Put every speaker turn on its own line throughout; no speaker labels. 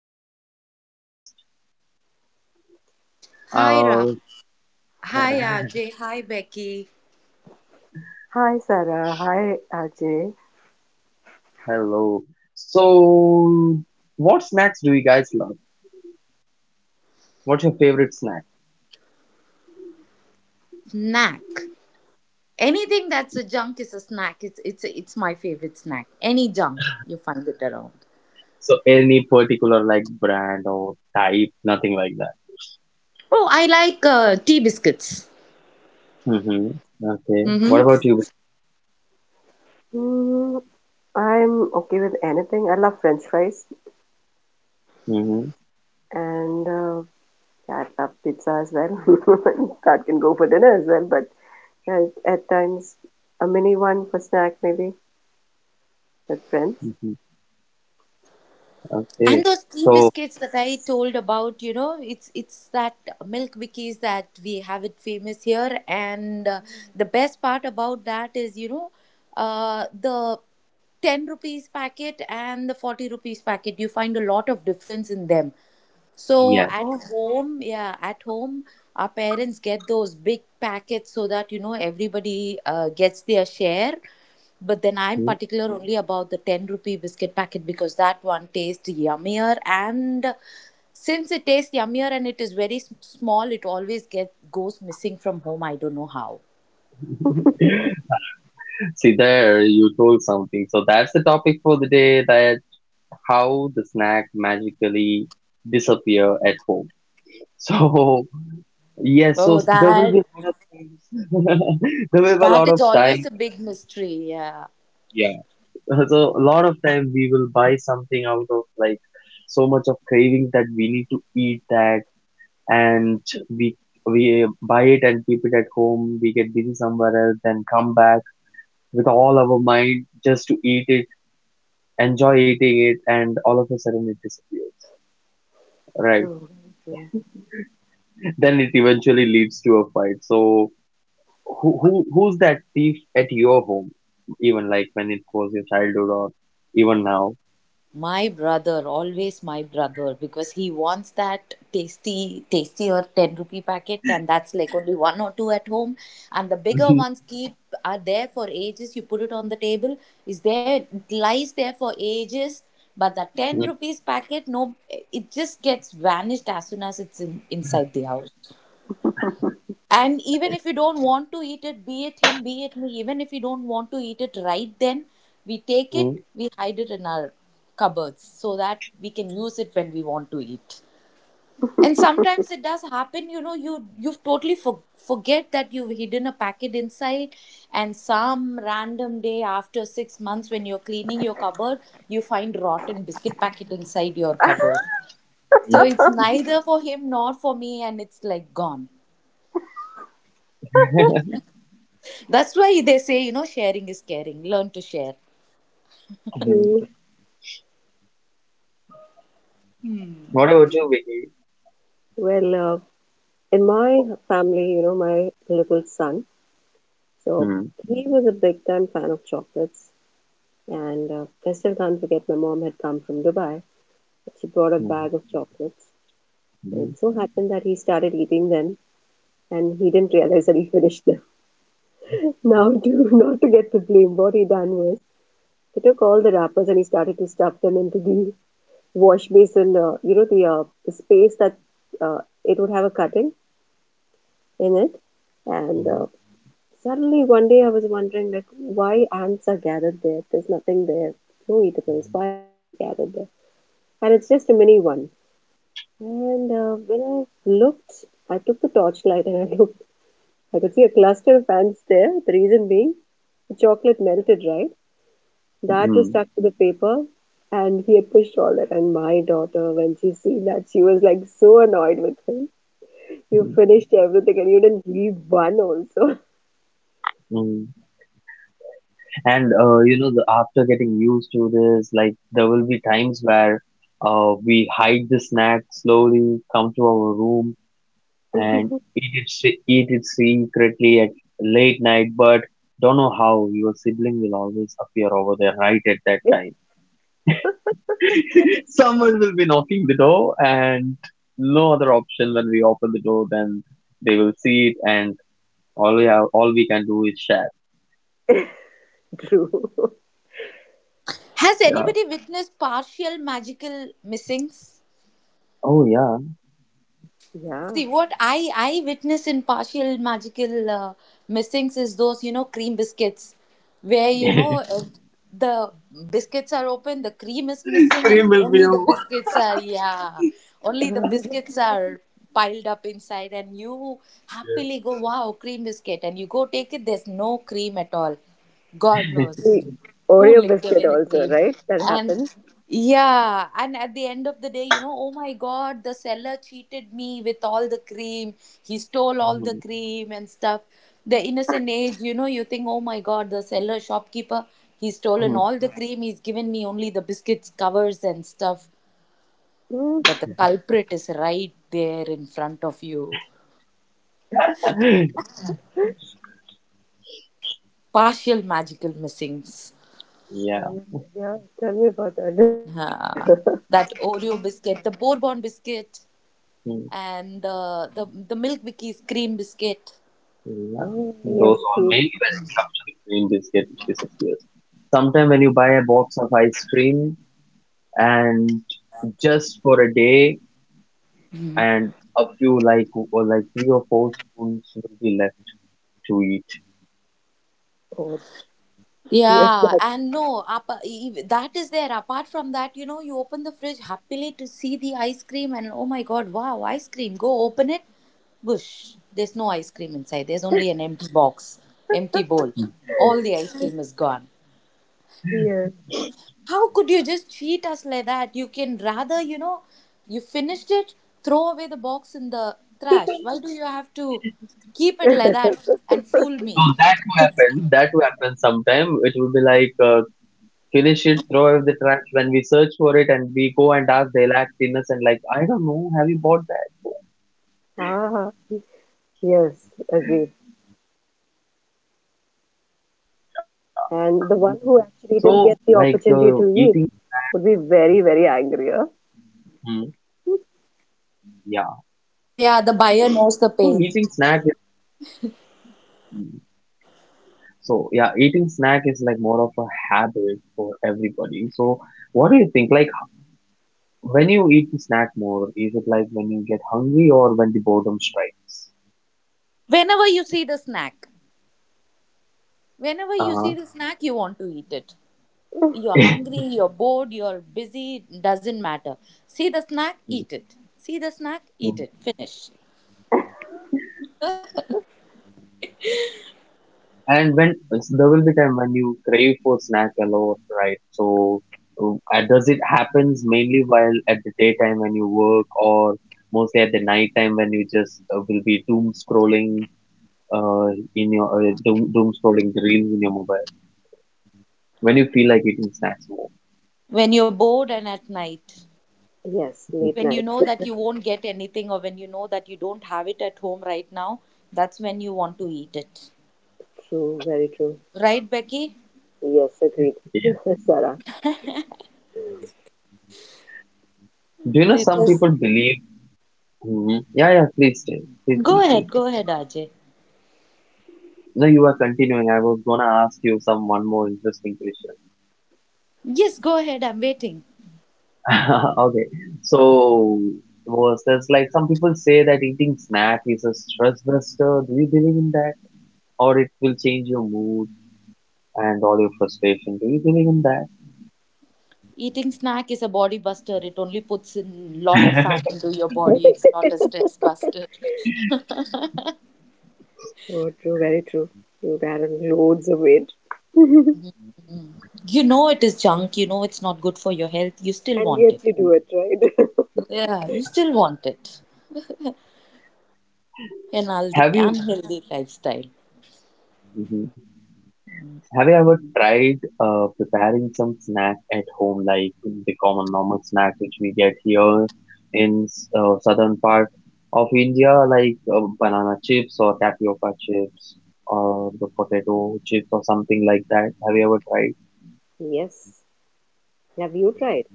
welcome to the podcast.
Hi,
Uh,
Raf. Hi, Ajay. Hi, Becky.
Hi, Sarah. Hi, Ajay.
hello. So, what snacks do you guys love? What's your favorite snack?
Snack. Anything that's a junk is a snack. It's my favorite snack. Any junk you find it around.
So any particular like brand or type, nothing like that.
Oh, I like tea biscuits.
Mm-hmm. Okay. What
Mm-hmm.
about you?
Mm, I'm okay with anything. I love French fries
Mm-hmm.
and yeah, I love pizza as well. That can go for dinner as well, but yeah, at times a mini one for snack maybe with friends.
Mm-hmm. Okay.
And those tea
So
biscuits that I told about, you know, it's that milk wikis that we have it famous here, and the best part about that is, you know, the 10 rupees packet and the 40 rupees packet, you find a lot of difference in them. So
yeah.
Oh,
at home, yeah, at home, our parents get those big packets so that, you know, everybody gets their share. But then I'm
Mhm.
particular only about the 10 rupee biscuit packet because that one tastes yummier. And since it tastes yummier and it is very small, it always goes missing from home. I don't know how.
See there, you told something. So that's the topic for the day, that how the snack magically disappear at home. So yes,
Oh,
so there will
that
be a lot of times, there will be a
that
lot
is
of
always a
time.
big mystery. Yeah.
Yeah. So a lot of time we will buy something out of like so much of craving that we need to eat that, and we we buy it and keep it at home. We get busy somewhere else and come back with all our mind just to eat it, enjoy eating it, and all of a sudden it disappears. Right.
true, true.
Then it eventually leads to a fight. So who's that thief at your home? Even like when it was your childhood or even now.
My brother, always my brother, because he wants that tasty, tasty or 10 rupee packet, and that's like only one or two at home. And the bigger ones keep are there for ages. You put it on the table, is there, it lies there for ages. But the 10
Mhm.
rupees packet, no, it just gets vanished as soon as inside the house. And even if you don't want to eat it, be it him, be it me, even if you don't want to eat it right then, we take it,
Mhm.
we hide it in our cupboards so that we can use it when we want to eat. And sometimes it does happen, you know, you've totally forget that you've hidden a packet inside, and some random day after 6 months, when you're cleaning your cupboard, you find rotten biscuit packet inside your cupboard. So it's neither for him nor for me, and it's like gone.
Mhm.
That's why they say, you know, sharing is caring. Learn to share.
Mhm.
True.
What about you, Vicky?
Well, in my family, you know, my little son, so
Mhm.
he was a big time fan of chocolates. And I still can't forget, my mom had come from Dubai. She brought a
Mhm.
bag of chocolates. And
Mhm.
it so happened that he started eating them and he didn't realize that he finished them. Now, to, not to get the blame, what he done was he took all the wrappers and he started to stuff them into the wash basin, the space that uh, it would have a cutting in it. And
Mhm.
suddenly one day I was wondering, like, why ants are gathered there? There's nothing there, no eatables. Why was it gathered there? And it's just a mini one. And when I looked, I took the torchlight and I looked. I could see a cluster of ants there. The reason being, the chocolate melted, right? That was
Mhm.
stuck to the paper, and he had pushed all that. And my daughter, when she seen that, she was like so annoyed with him. You
Mhm.
finished everything and you didn't leave one also.
Mhm. And you know, the, after getting used to this, like there will be times where we hide the snack slowly, come to our room, and eat it secretly at late night, but don't know how your sibling will always appear over there right at that
It's
time. Someone will be knocking the door, and no other option when we open the door than they will see it, and all we have, all we can do is share.
true.
Has
Yeah.
anybody witnessed partial magical missings?
Oh yeah,
Yeah.
See, what I witness in partial magical missings is those, you know, cream biscuits where, you know, the biscuits are open, the cream is missing,
cream
and
will be
only the
over.
biscuits are, yeah, only the
The
biscuits are piled up inside, and you happily go, wow, cream biscuit, and you go take it, there's no cream at all. God knows who
Oreo
licked
biscuit
away the
also,
cream.
right? That
And
happened.
yeah, and at the end of the day, you know, oh my God, the seller cheated me with all the cream. He stole all the cream and stuff. The innocent age, you know, you think, oh my God, the seller, shopkeeper, he's stolen
Mm,
all the cream. He's given me only the biscuits, covers, and stuff.
Mm.
But the culprit is right there in front of you.
mm.
Partial magical missings.
yeah.
Oh, yeah, tell me
Ah,
about
that
that.
Oreo biscuit, the Bourbon biscuit, and the
Hmm.
the the milk bikki's cream biscuit.
Yeah,
Oh,
those
yes,
all. Maybe when it comes to biscuit, disappears. Sometimes when you buy a box of ice cream and just for a day, and a few like or like three or four spoons will be left to eat.
the yes,
Yeah,
that
and no, apa, that is there. Apart from that, you know, you open the fridge happily to see the ice cream, and oh my god, wow, ice cream. Go open it, whoosh, there's no ice cream inside. There's only an empty box, empty bowl.
Mm.
All the ice cream is gone.
fear.
How could you just cheat us like that? You can rather, you know, you finished it, throw away the box in the trash. Why do you have to keep it like that and fool
So
me?
that will happen. That will happen sometime. It will be like finish it, throw away the trash. When we search for it and we go and ask, they'll act innocent like I don't know. Have you bought that?
Ah, yes,
Those
agreed.
kind of behavior. So like
And the one who
eating.
actually didn't get the opportunity to eat would be very, very
Hmm.
angry, huh?
Oh yeah,
So
the
eating
buyer
snack
knows the
is
pain.
so yeah, eating snack is like more of a habit for everybody. So what do you think? Like when you eat the snack more, is it like when you get hungry or when the boredom strikes?
Whenever you see the snack, whenever you
Uh,
see the snack, you want to eat it. You're hungry, you're bored, you're busy, doesn't matter. See the snack, eat it. See the snack, eat it. Finish.
and when there will be time when you crave for snack a lot, right? So does it happens mainly while at the daytime when you work or mostly at the night time when you just will be doom scrolling uh, in your doom scrolling the reels in your mobile when you feel like eating snacks. More.
When you're bored and at night,
Yes, late
when you
nights.
know that you won't get anything or when you know that you don't have it at home right now, that's when you want to eat it.
True, very true.
Right, Becky?
Yes, agreed.
Yeah.
Sarah.
Do you know some
Because
people believe? Hmm. Yeah, yeah. Please tell. Please, please, please.
go ahead, Ajay.
No, you are continuing. I was gonna ask you some one more interesting question.
Yes, go ahead. I'm waiting.
Okay. So was there's like some people say that eating snack is a stress buster. Do you believe in that? Or it will change your mood and all your frustration. Do you believe in
Eating snack is a body buster. It only puts in lot of fat
that?
into your body. It's not a stress buster.
Oh, true, very true. You got loads of weight,
Mm. You know it is junk. You know it's not good for your health. You still
and
want
yet
it.
you do it, right?
Yeah, you still want it. An unhealthy,
Have you?
unhealthy lifestyle.
Mhm. Have you ever tried preparing some snack at home, like the common normal snack which we get here in southern part of India, like banana chips or tapioca chips or the potato chips or something like that? Have you ever tried?
Yes. Have you tried?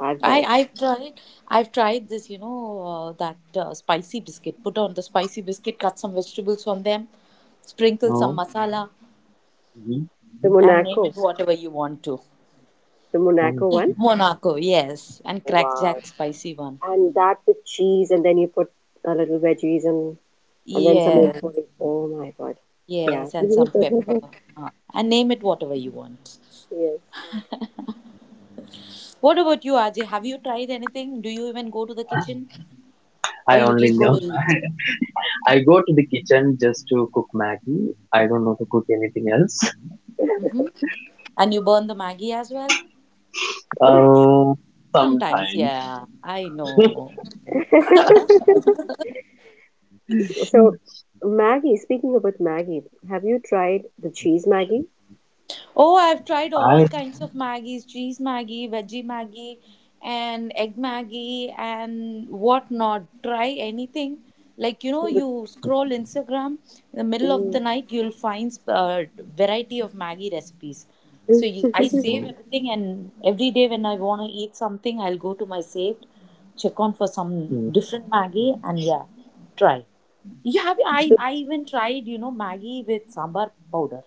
I've
I
tried.
I've tried I've tried this. You know that spicy biscuit. Put on the spicy biscuit. Cut some vegetables on them. Sprinkle some
No.
masala
Mhm.
The
and name
Monaco,
it whatever you want to.
the
No.
Monaco
Yeah,
one.
Monaco. Yes, and
Oh, wow.
crackjack spicy one.
And that with cheese, and then you put a little veggies and then someone
Yes,
put it. Oh my god. Yeah.
yes, and some pepper. And name it whatever you want. What about you, Ajay? Have you tried anything? Do you even go to the kitchen or
I
you
only
just go to
know.
eat?
I go to the kitchen just to cook Maggie. I don't know to cook anything else.
Mm-hmm. And you burn the Maggie as well?
Um,
Sometimes,
sometimes
yeah. I know.
Yes. So, Maggie, speaking about Maggie, have you tried the cheese Maggie?
Oh, I've tried all
I.
kinds of Maggies, cheese Maggie, veggie Maggie, and egg Maggie, and whatnot. Try anything. Like, you know,
The-
you scroll Instagram in the middle of the
mm,
night, you'll find a variety of Maggie recipes. So
mm,
you, I save
Mm,
everything, and every day when I want to eat something, I'll go to my saved, check on for some different Maggie, and yeah, try. You have I
so-
I even tried, you know, Maggie with sambar powder,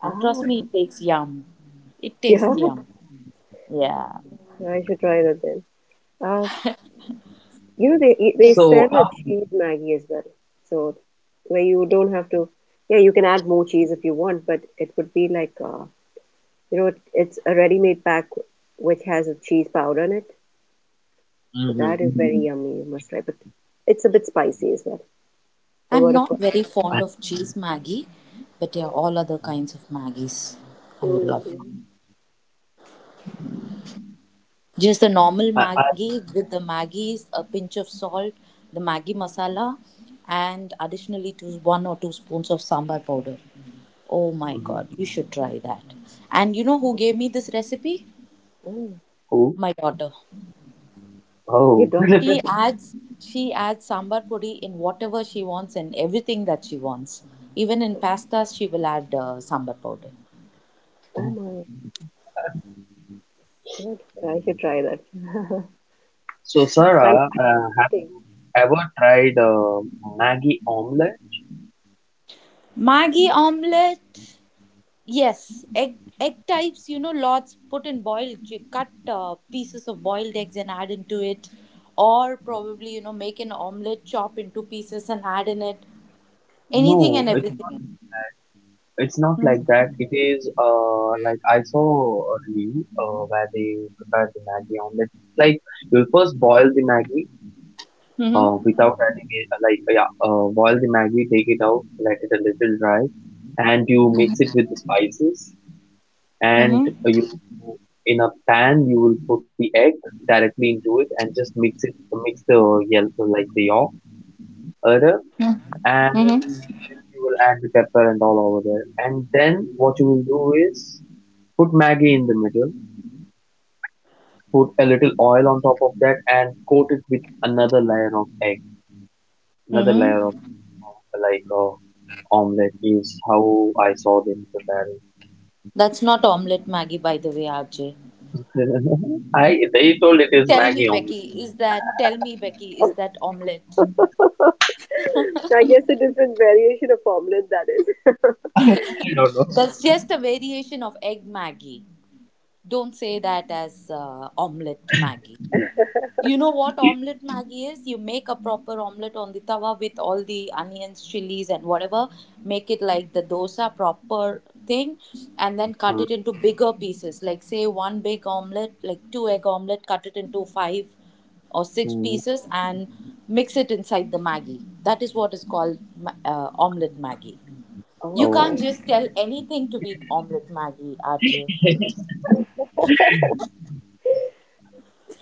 and
ah,
trust me it takes yum, it
yeah.
tastes yum, yeah.
I should try that then. Uh, they they
Good.
so,
sell a cheese Maggie as well. So, where you don't have to, yeah, you can add more cheese if you want, but it would be like, it's a ready-made pack which has a cheese powder in it. So
mhm.
that is very, mm-hmm, yummy. You must try. But it's a bit spicy as well. A
I'm
lot of.
not
Co-
very fond of cheese maggie, but there are all other
I,
kinds of maggies I would love.
Mm.
Just the normal
I,
maggie with the maggies a pinch of salt, the maggie masala, and additionally to one or two spoons of sambar powder. Oh my
mhm.
god, you should try that. And you know who gave me this recipe?
Mm.
Oh,
My daughter.
You
oh.
don't.
She adds she adds sambar puri in whatever she wants and everything that she wants. Even in pastas, she will add sambar powder.
Oh my god! I should try that.
So,
And
Sarah,
how does it
have
taste?
ever tried Maggie omelette?
Maggi omelette. Yes, egg types. You know, lots put in boiled. You cut pieces of boiled eggs and add into it, or probably you know make an omelette, chop into pieces and add in it. Anything
No,
and everything.
it's not like that. It is like I saw a review where they prepare the Maggie omelette. Like you first boil the Maggie
Mm-hmm.
without adding it. Like yeah, boil the Maggie, take it out, let it a little dry, and you mix it with the spices,
Mm-hmm.
and you in a pan you will put the egg directly into it and just mix it, mix the yellow like the yolk other, and
Mm-hmm.
then you will add the pepper and all over there, and then what you will do is put Maggie in the middle, put a little oil on top of that and coat it with another layer of egg, another
Mm-hmm.
layer of like omelette is how I saw them preparing.
That's not omelette, Maggie. By the way, RJ.
I they told it is
Tell me,
Maggie omelette.
Becky, is that tell me, Becky, is that omelette?
So I guess a different variation of omelette, that is.
I don't know.
That's just a variation of egg Maggie. Don't say that as omelette Maggie. You know what omelette Maggie is? You make a proper omelette on the tawa with all the onions, chilies, and whatever. Make it like the dosa proper thing, and then cut it into bigger pieces. Like say one big omelette, like two egg omelette, cut it into five or six
Mm.
pieces, and mix it inside the Maggie. That is what is called omelette Maggie. You can't
Oh,
just tell anything to be omelette Maggie, RJ.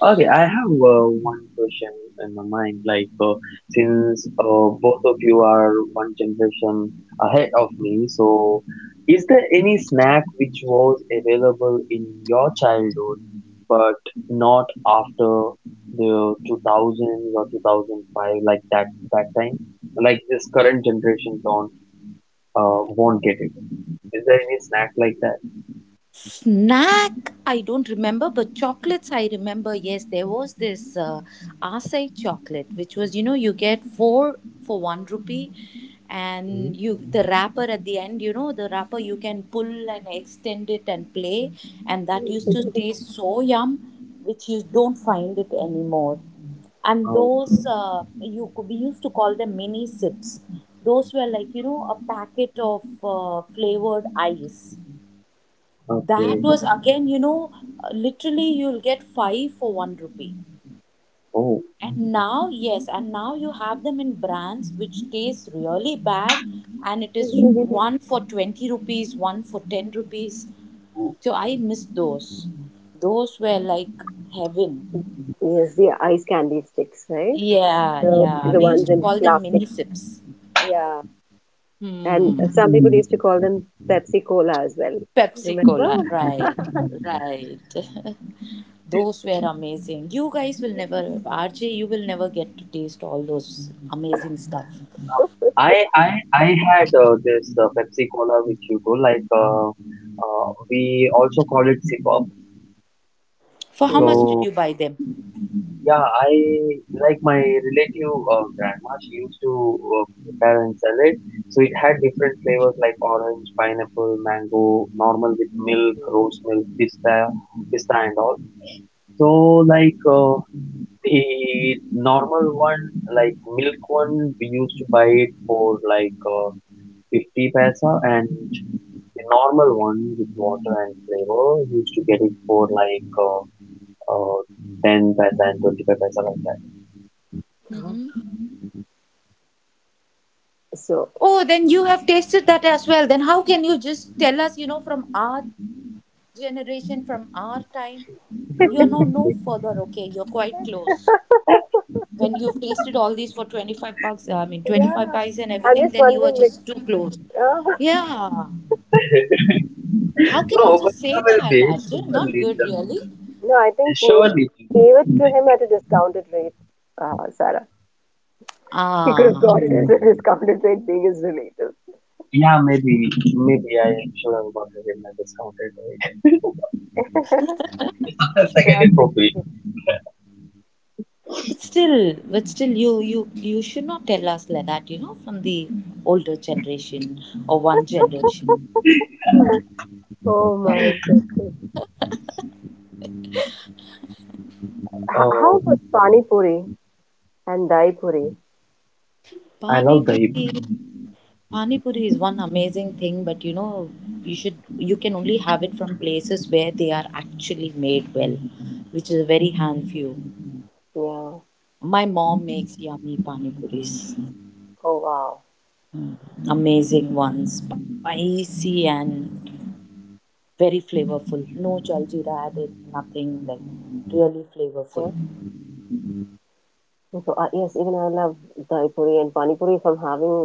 okay. I have one question in my mind. Like, since both of you are one generation ahead of me, so is there any snack which was available in your childhood but not after the 2000s or 2005, like that that time? Like this current generation don't won't get it. Is there any snack like that?
Snack I don't remember, but chocolates I remember. Yes, there was this uh, acai chocolate, which was, you know, you get four for one rupee,
Mhm.
and you the wrapper at the end, you know, the wrapper you can pull and extend it and play, and that used to taste so yum, which you don't find it anymore. And
Oh,
those you we used to call them mini sips. Those were like, you know, a packet of flavored ice. That
okay.
was again, you know, literally you'll get five for one rupee.
Oh.
And now, yes, and now you have them in brands which taste really bad, and it is
Okay.
one for 20 rupees, one for 10 rupees. So I miss those. Those were like heaven.
Yes, the ice candy sticks, right?
Yeah,
The
yeah.
the
We used
ones
to
in
call them
plastic.
mini sips.
Yeah. And
Hmm.
some people used to call them Pepsi Cola as well.
Pepsi
Remember?
Cola. Right, right. Those were amazing. You guys will never, RJ, you will never get to taste all those amazing stuff.
I had this Pepsi Cola with Hugo. Like we also call it Sipop.
For how much did
Mm.
So
you buy them?
yeah, I like my relative grandma. She used to prepare and sell it. So it had different flavors like orange, pineapple, mango, normal with milk, rose milk, pista, pista and all. So like the normal one, like milk one, we used to buy it for like. 50 paisa, and the normal one with water and flavor, you used to get it for like uh, 10 paisa and 25 paisa like that.
So
Oh, then you have tasted that as well. Then how can you just tell us, you know, from our generation, from our time? You're no further, okay? You're quite close. When you've tasted all these for 25 bucks, I mean 25 pies and
yeah.
everything, then
I'm
you
just
are just
wondering,
too
like,
close.
Uh,
Yeah. How can you
No,
just
but
say
there will
that,
be,
R J? Not
surely, there
good,
will
really.
no, I
be,
think maybe
surely.
he gave it to
Like,
him at a discounted rate, Sarah. He could have
Ah.
got it at a discounted rate, being his relative.
yeah, maybe, maybe I should have got it in my discounted rate. Sometimes I
It
get
has
it
been
for free.
heated.
But still, you you should not tell us like that. You know, from the older generation or one generation.
Oh my god. H- how
Uh,
about Pani Puri and Dai Puri?
I
Pani
love dahi puri.
puri, pani puri is one amazing thing, but you know, you can only have it from places where they are actually made well, which is a very hand few.
Yeah.
My mom makes yummy pani puris,
Oh wow.
amazing ones, spicy and very flavorful. No jaljeera added, nothing like really
Yeah.
flavorful.
So yes, even I love Dai Puri and Pani Puri. If I'm having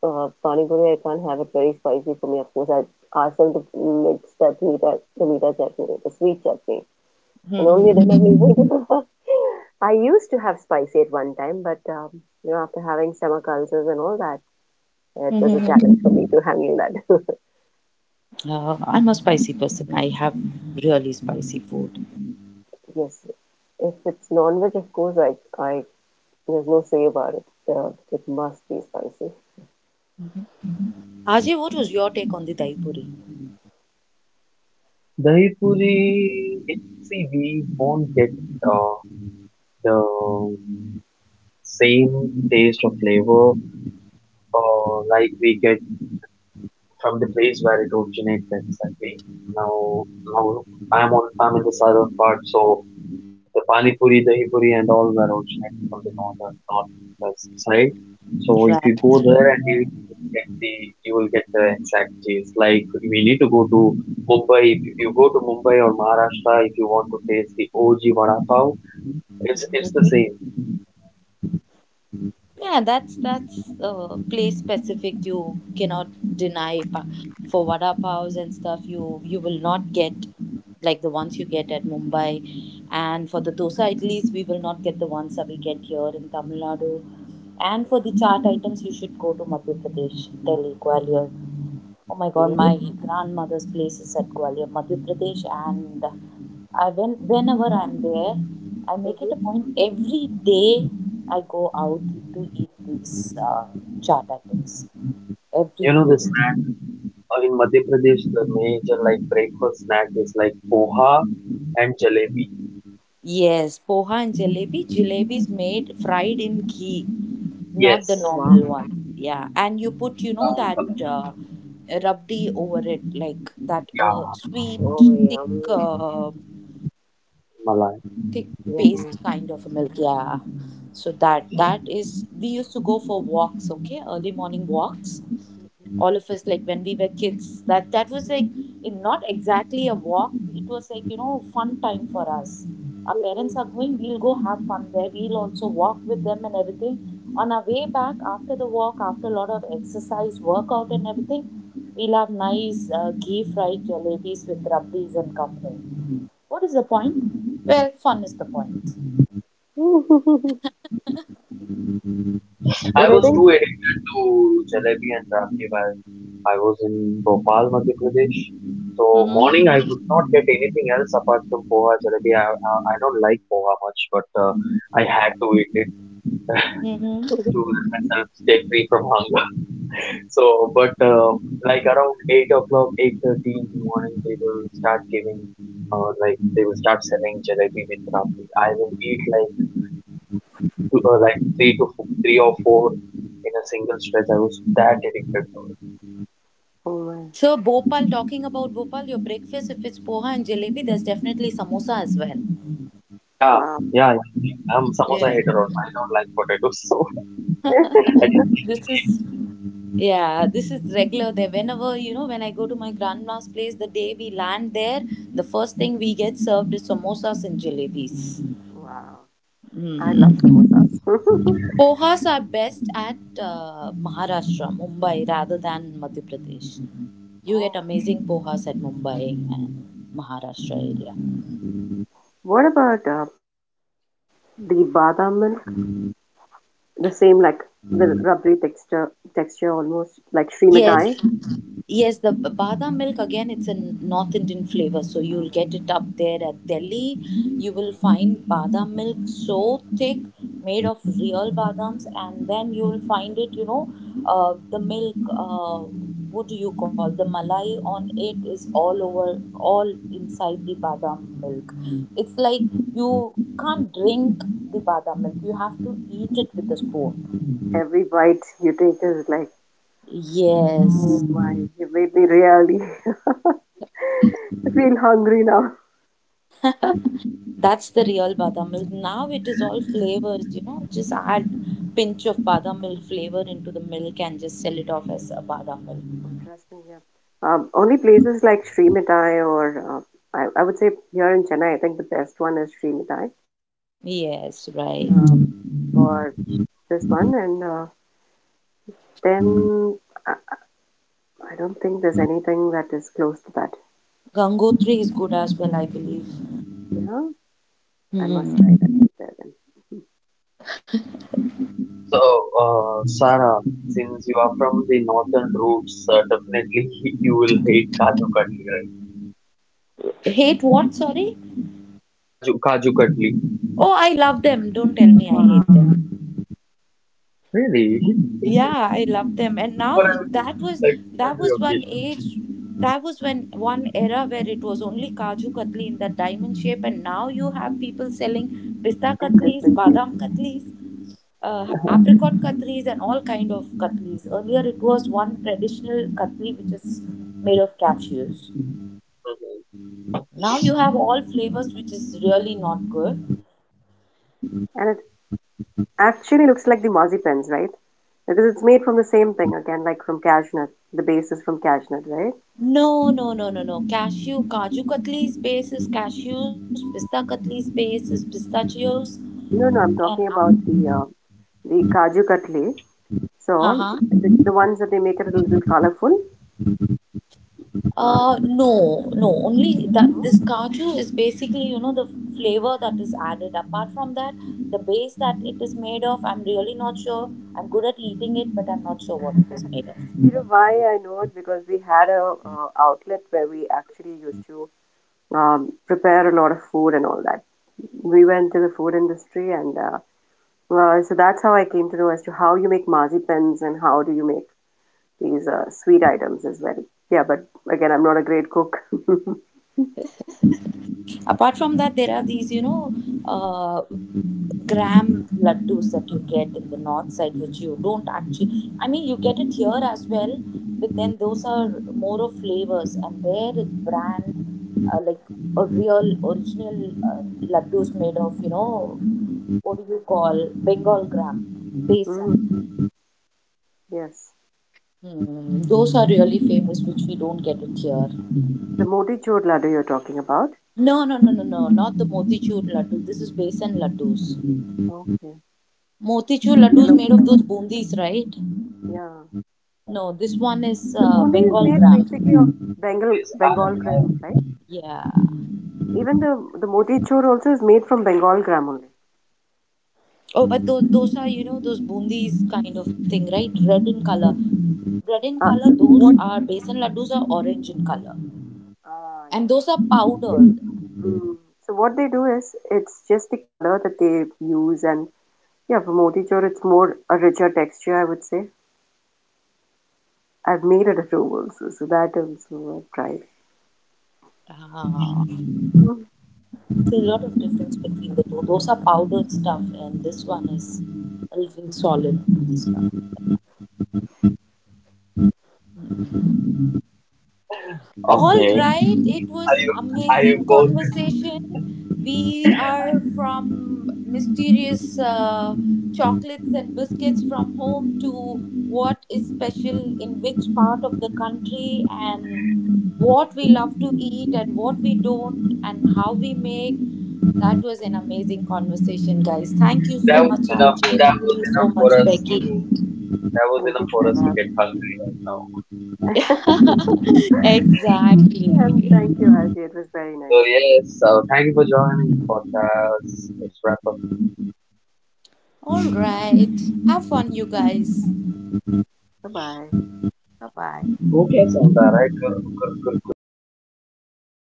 Pani Puri, I can't have it very spicy for me. Of course, I ask them to mix that meat, the meat chutney, the sweet chutney, and only then I'm able to. I used to have spicy at one time, but you know, after having stomach ulcers and all that, it was a challenge for me to handle that.
I'm a spicy person. I have really spicy food.
Yes, if it's non-veg, of course, I, there's no say about it. It must be spicy.
Ajay, what was your take on the dahi puri?
Dahi puri, see, we won't get uh, the same taste or flavor like we get from the place where it originated, exactly. Now, now I'm in the southern part, so the pani puri, dahi puri, and all were originated from the northern northwest side. So if you go
Right.
there and you will get the you will get the exact taste. Like we need to go to Mumbai. If you go to Mumbai or Maharashtra, if you want to taste the OG vada pav, it's the same.
Mm-hmm.
Yeah, that's place specific. You cannot deny pa- for vada paos and stuff. You will not get like the ones you get at Mumbai, and for the dosa at least we will not get the ones that we get here in Tamil Nadu. And for the
Yeah.
chaat items, you should go to Madhya Pradesh, Delhi, Gwalior. Oh my God,
Yeah.
my grandmother's place is at Gwalior, Madhya Pradesh, and I when whenever I'm there, I make it a
Mm-hmm.
point every day I go out to eat these chaat items every
You know the
day.
snack in Madhya Pradesh, the major like breakfast snack is like poha and jalebi.
Yes, poha and jalebi. Jalebi is made fried in ghee,
Oh
not the
wow.
Yes,
normal one. Yeah, and you put you know
brown
that
color.
uh, rabdi over it, like that
Yeah,
Oh
sweet thick.
yummy.
Uh, thick
Malai.
paste kind of a
Yeah.
milk, yeah, so that is, we used to go for walks, okay, early morning walks, all of us, like when we were kids, that was like in- not exactly a walk, it was like, you know, fun time for us. Our parents are going, we'll go have fun there, we'll also walk with them and everything. On our way back after the walk, after a lot of exercise, workout and everything, we'll have nice ghee fried jalebis with rabdis and come home. What is the point? Well, fun is the point.
Mm-mm.
Mhm. I
But I
was too
think.
addicted to jalebi and rabdi while I was in Bhopal, Madhya Pradesh. So
Mm-hmm.
morning I would not get anything else apart from poha jalebi. I don't like poha much, but I had to eat it
Mm-hmm.
to let myself stay free from hunger. So, but like around 8 o'clock, 8:30 in the morning, they will start giving, like they will start selling jalebi with rabdi. I will eat like three to four, three or four in a single stretch. I was that addicted to it.
Oh my.
So, Bhopal, talking about Bhopal, your breakfast, if it's poha and jalebi, there's definitely samosa as well.
Yeah,
Wow.
yeah, yeah. I'm samosa
Yeah.
hater also. I don't like potatoes. So, I
This is Yeah, this is regular there. Whenever, you know, when I go to my grandma's place, the day we land there, the first thing we get served is samosas and jalebis.
Wow. I love
Mm.
samosas.
Pohas are best at Maharashtra, Mumbai, rather than Madhya Pradesh. You get
Oh.
amazing pohas at Mumbai and Maharashtra area.
What about the badam milk? The same, like the rubbery texture, texture almost like Sri
Yes,
Mitai.
didn't-
yes, the b- badam milk again, it's a n- North Indian flavor. So you'll get it up there at Delhi. You will find badam milk so thick, made of real badams, and then you'll find it, you know, the milk, what do you call, the malai on it is all over, all inside the badam milk. It's like you can't drink the badam milk, you have to eat it with a spoon.
Every bite you take is like,
Yes.
oh my, you made me really feel hungry now.
That's the real badam milk. Now it is all flavors, you know. Just add pinch of badam milk flavor into the milk and just sell it off as a badam milk.
Oh, trust me, yeah. Only places like Sri Mitai or I would say here in Chennai, I think the best one is Sri Mitai
Yes,
um,
right.
for this one, and then I, I don't think there's anything that is close to that.
Gangotri is good as well, I believe.
Yeah, I must
Hmm.
try that there then.
so Sarah, since you are from the northern roots, definitely you will hate kaju katli, right?
Hate what? Sorry.
Kaju katli.
Oh, I love them. Don't tell me I hate them.
Wow.
Really?
Yeah, I love them. And
But
now
I would like on
that
every
was one
occasion.
age, that was when one era where it was only Kaju Katli in that diamond shape, and now you have people selling
In
pista katlis,
different.
badam katlis,
Yeah.
apricot
And
katlis and all kind of katlis. Earlier it was one traditional katli which is made of cashews.
Mhm.
Now you have all flavors which is really not good.
it actually looks like the marzipans, right? Because it's made from the same thing again, like from cashew nut. The base is from cashew nut, right?
No, no, no, no, no. Cashew, Kaju Katli's base is cashews, Pista Katli's base is pistachios,
No, no, I'm
and
talking
app-
about the kaju katli. So
huh.
the ones that they make it a little colorful. Uh,
No, no. Only that this
so,
Kaju is basically, you know, the flavor that is added. Apart from that, the base that it is made of, I'm really not sure. I'm good at eating it, but I'm not sure what it is made of.
you know why I know it, because we had a outlet where we actually used to prepare a lot of food and all that. We went to the food industry, and so that's how I came to know as to how you make marzipans and how do you make these sweet items as well. Yeah, but again, I'm not a great cook.
Apart from that, there are these, you know, uh, gram laddus that you get in the north side, which you don't actually. I mean, you get it here as well, but then those are more of flavors, and there it's brand like a real original laddus made of, you know, what do you call, Bengal gram, besan.
Mm, yes.
Hmm, those are really famous, which we don't get it here.
The moti chur laddu you're talking about.
No, no, no, no, no, not the motichur laddu. This is besan laddus.
Okay.
Motichur laddu is
Yellow
made
color
of those
one.
bundis, right?
Yeah.
Yeah.
No, this one is
The bundi is
Bengal
made
gram.
basically of Bengal
Is
Bengal
I
gram, right?
Yeah.
Even the moti chur also is made from Bengal gram only.
Oh, but those are, you know, those bundis kind of thing, right? Red in color.
So,
Red in
uh,
color.
so
Those
what?
are besan laddus are orange in color,
Ah,
and
yes.
those are
They-
powdered.
mm, so what they do is it's just the color that they use and yeah, for moti chur, it's more a richer texture, I would say. I've made it at home also, so that also I've tried.
Ah,
Mhm.
there's a lot of difference between the two. Those are powdered stuff, and this one is a little solid stuff. Hmm. All
okay.
right, it
Are
was
you are you
amazing
both?
conversation. We are from mysterious chocolates and biscuits from home to what is special in which part of the country and what we love to eat and what we don't and how we make. That was an amazing conversation, guys. Thank you so
That was
much,
enough.
RJ.
That
Thank
was
you so
enough
much,
for us
Becky.
to That was
Thank you,
enough for us to
Stella.
get hungry right now.
Yeah, and
exactly.
thank you, Arjay. It was very nice.
So yes, thank you for joining the podcast. Let's wrap up.
All right. Have fun, you guys.
Bye bye.
Bye bye.
Okay, Sandar, right? Good, good, good, good, good.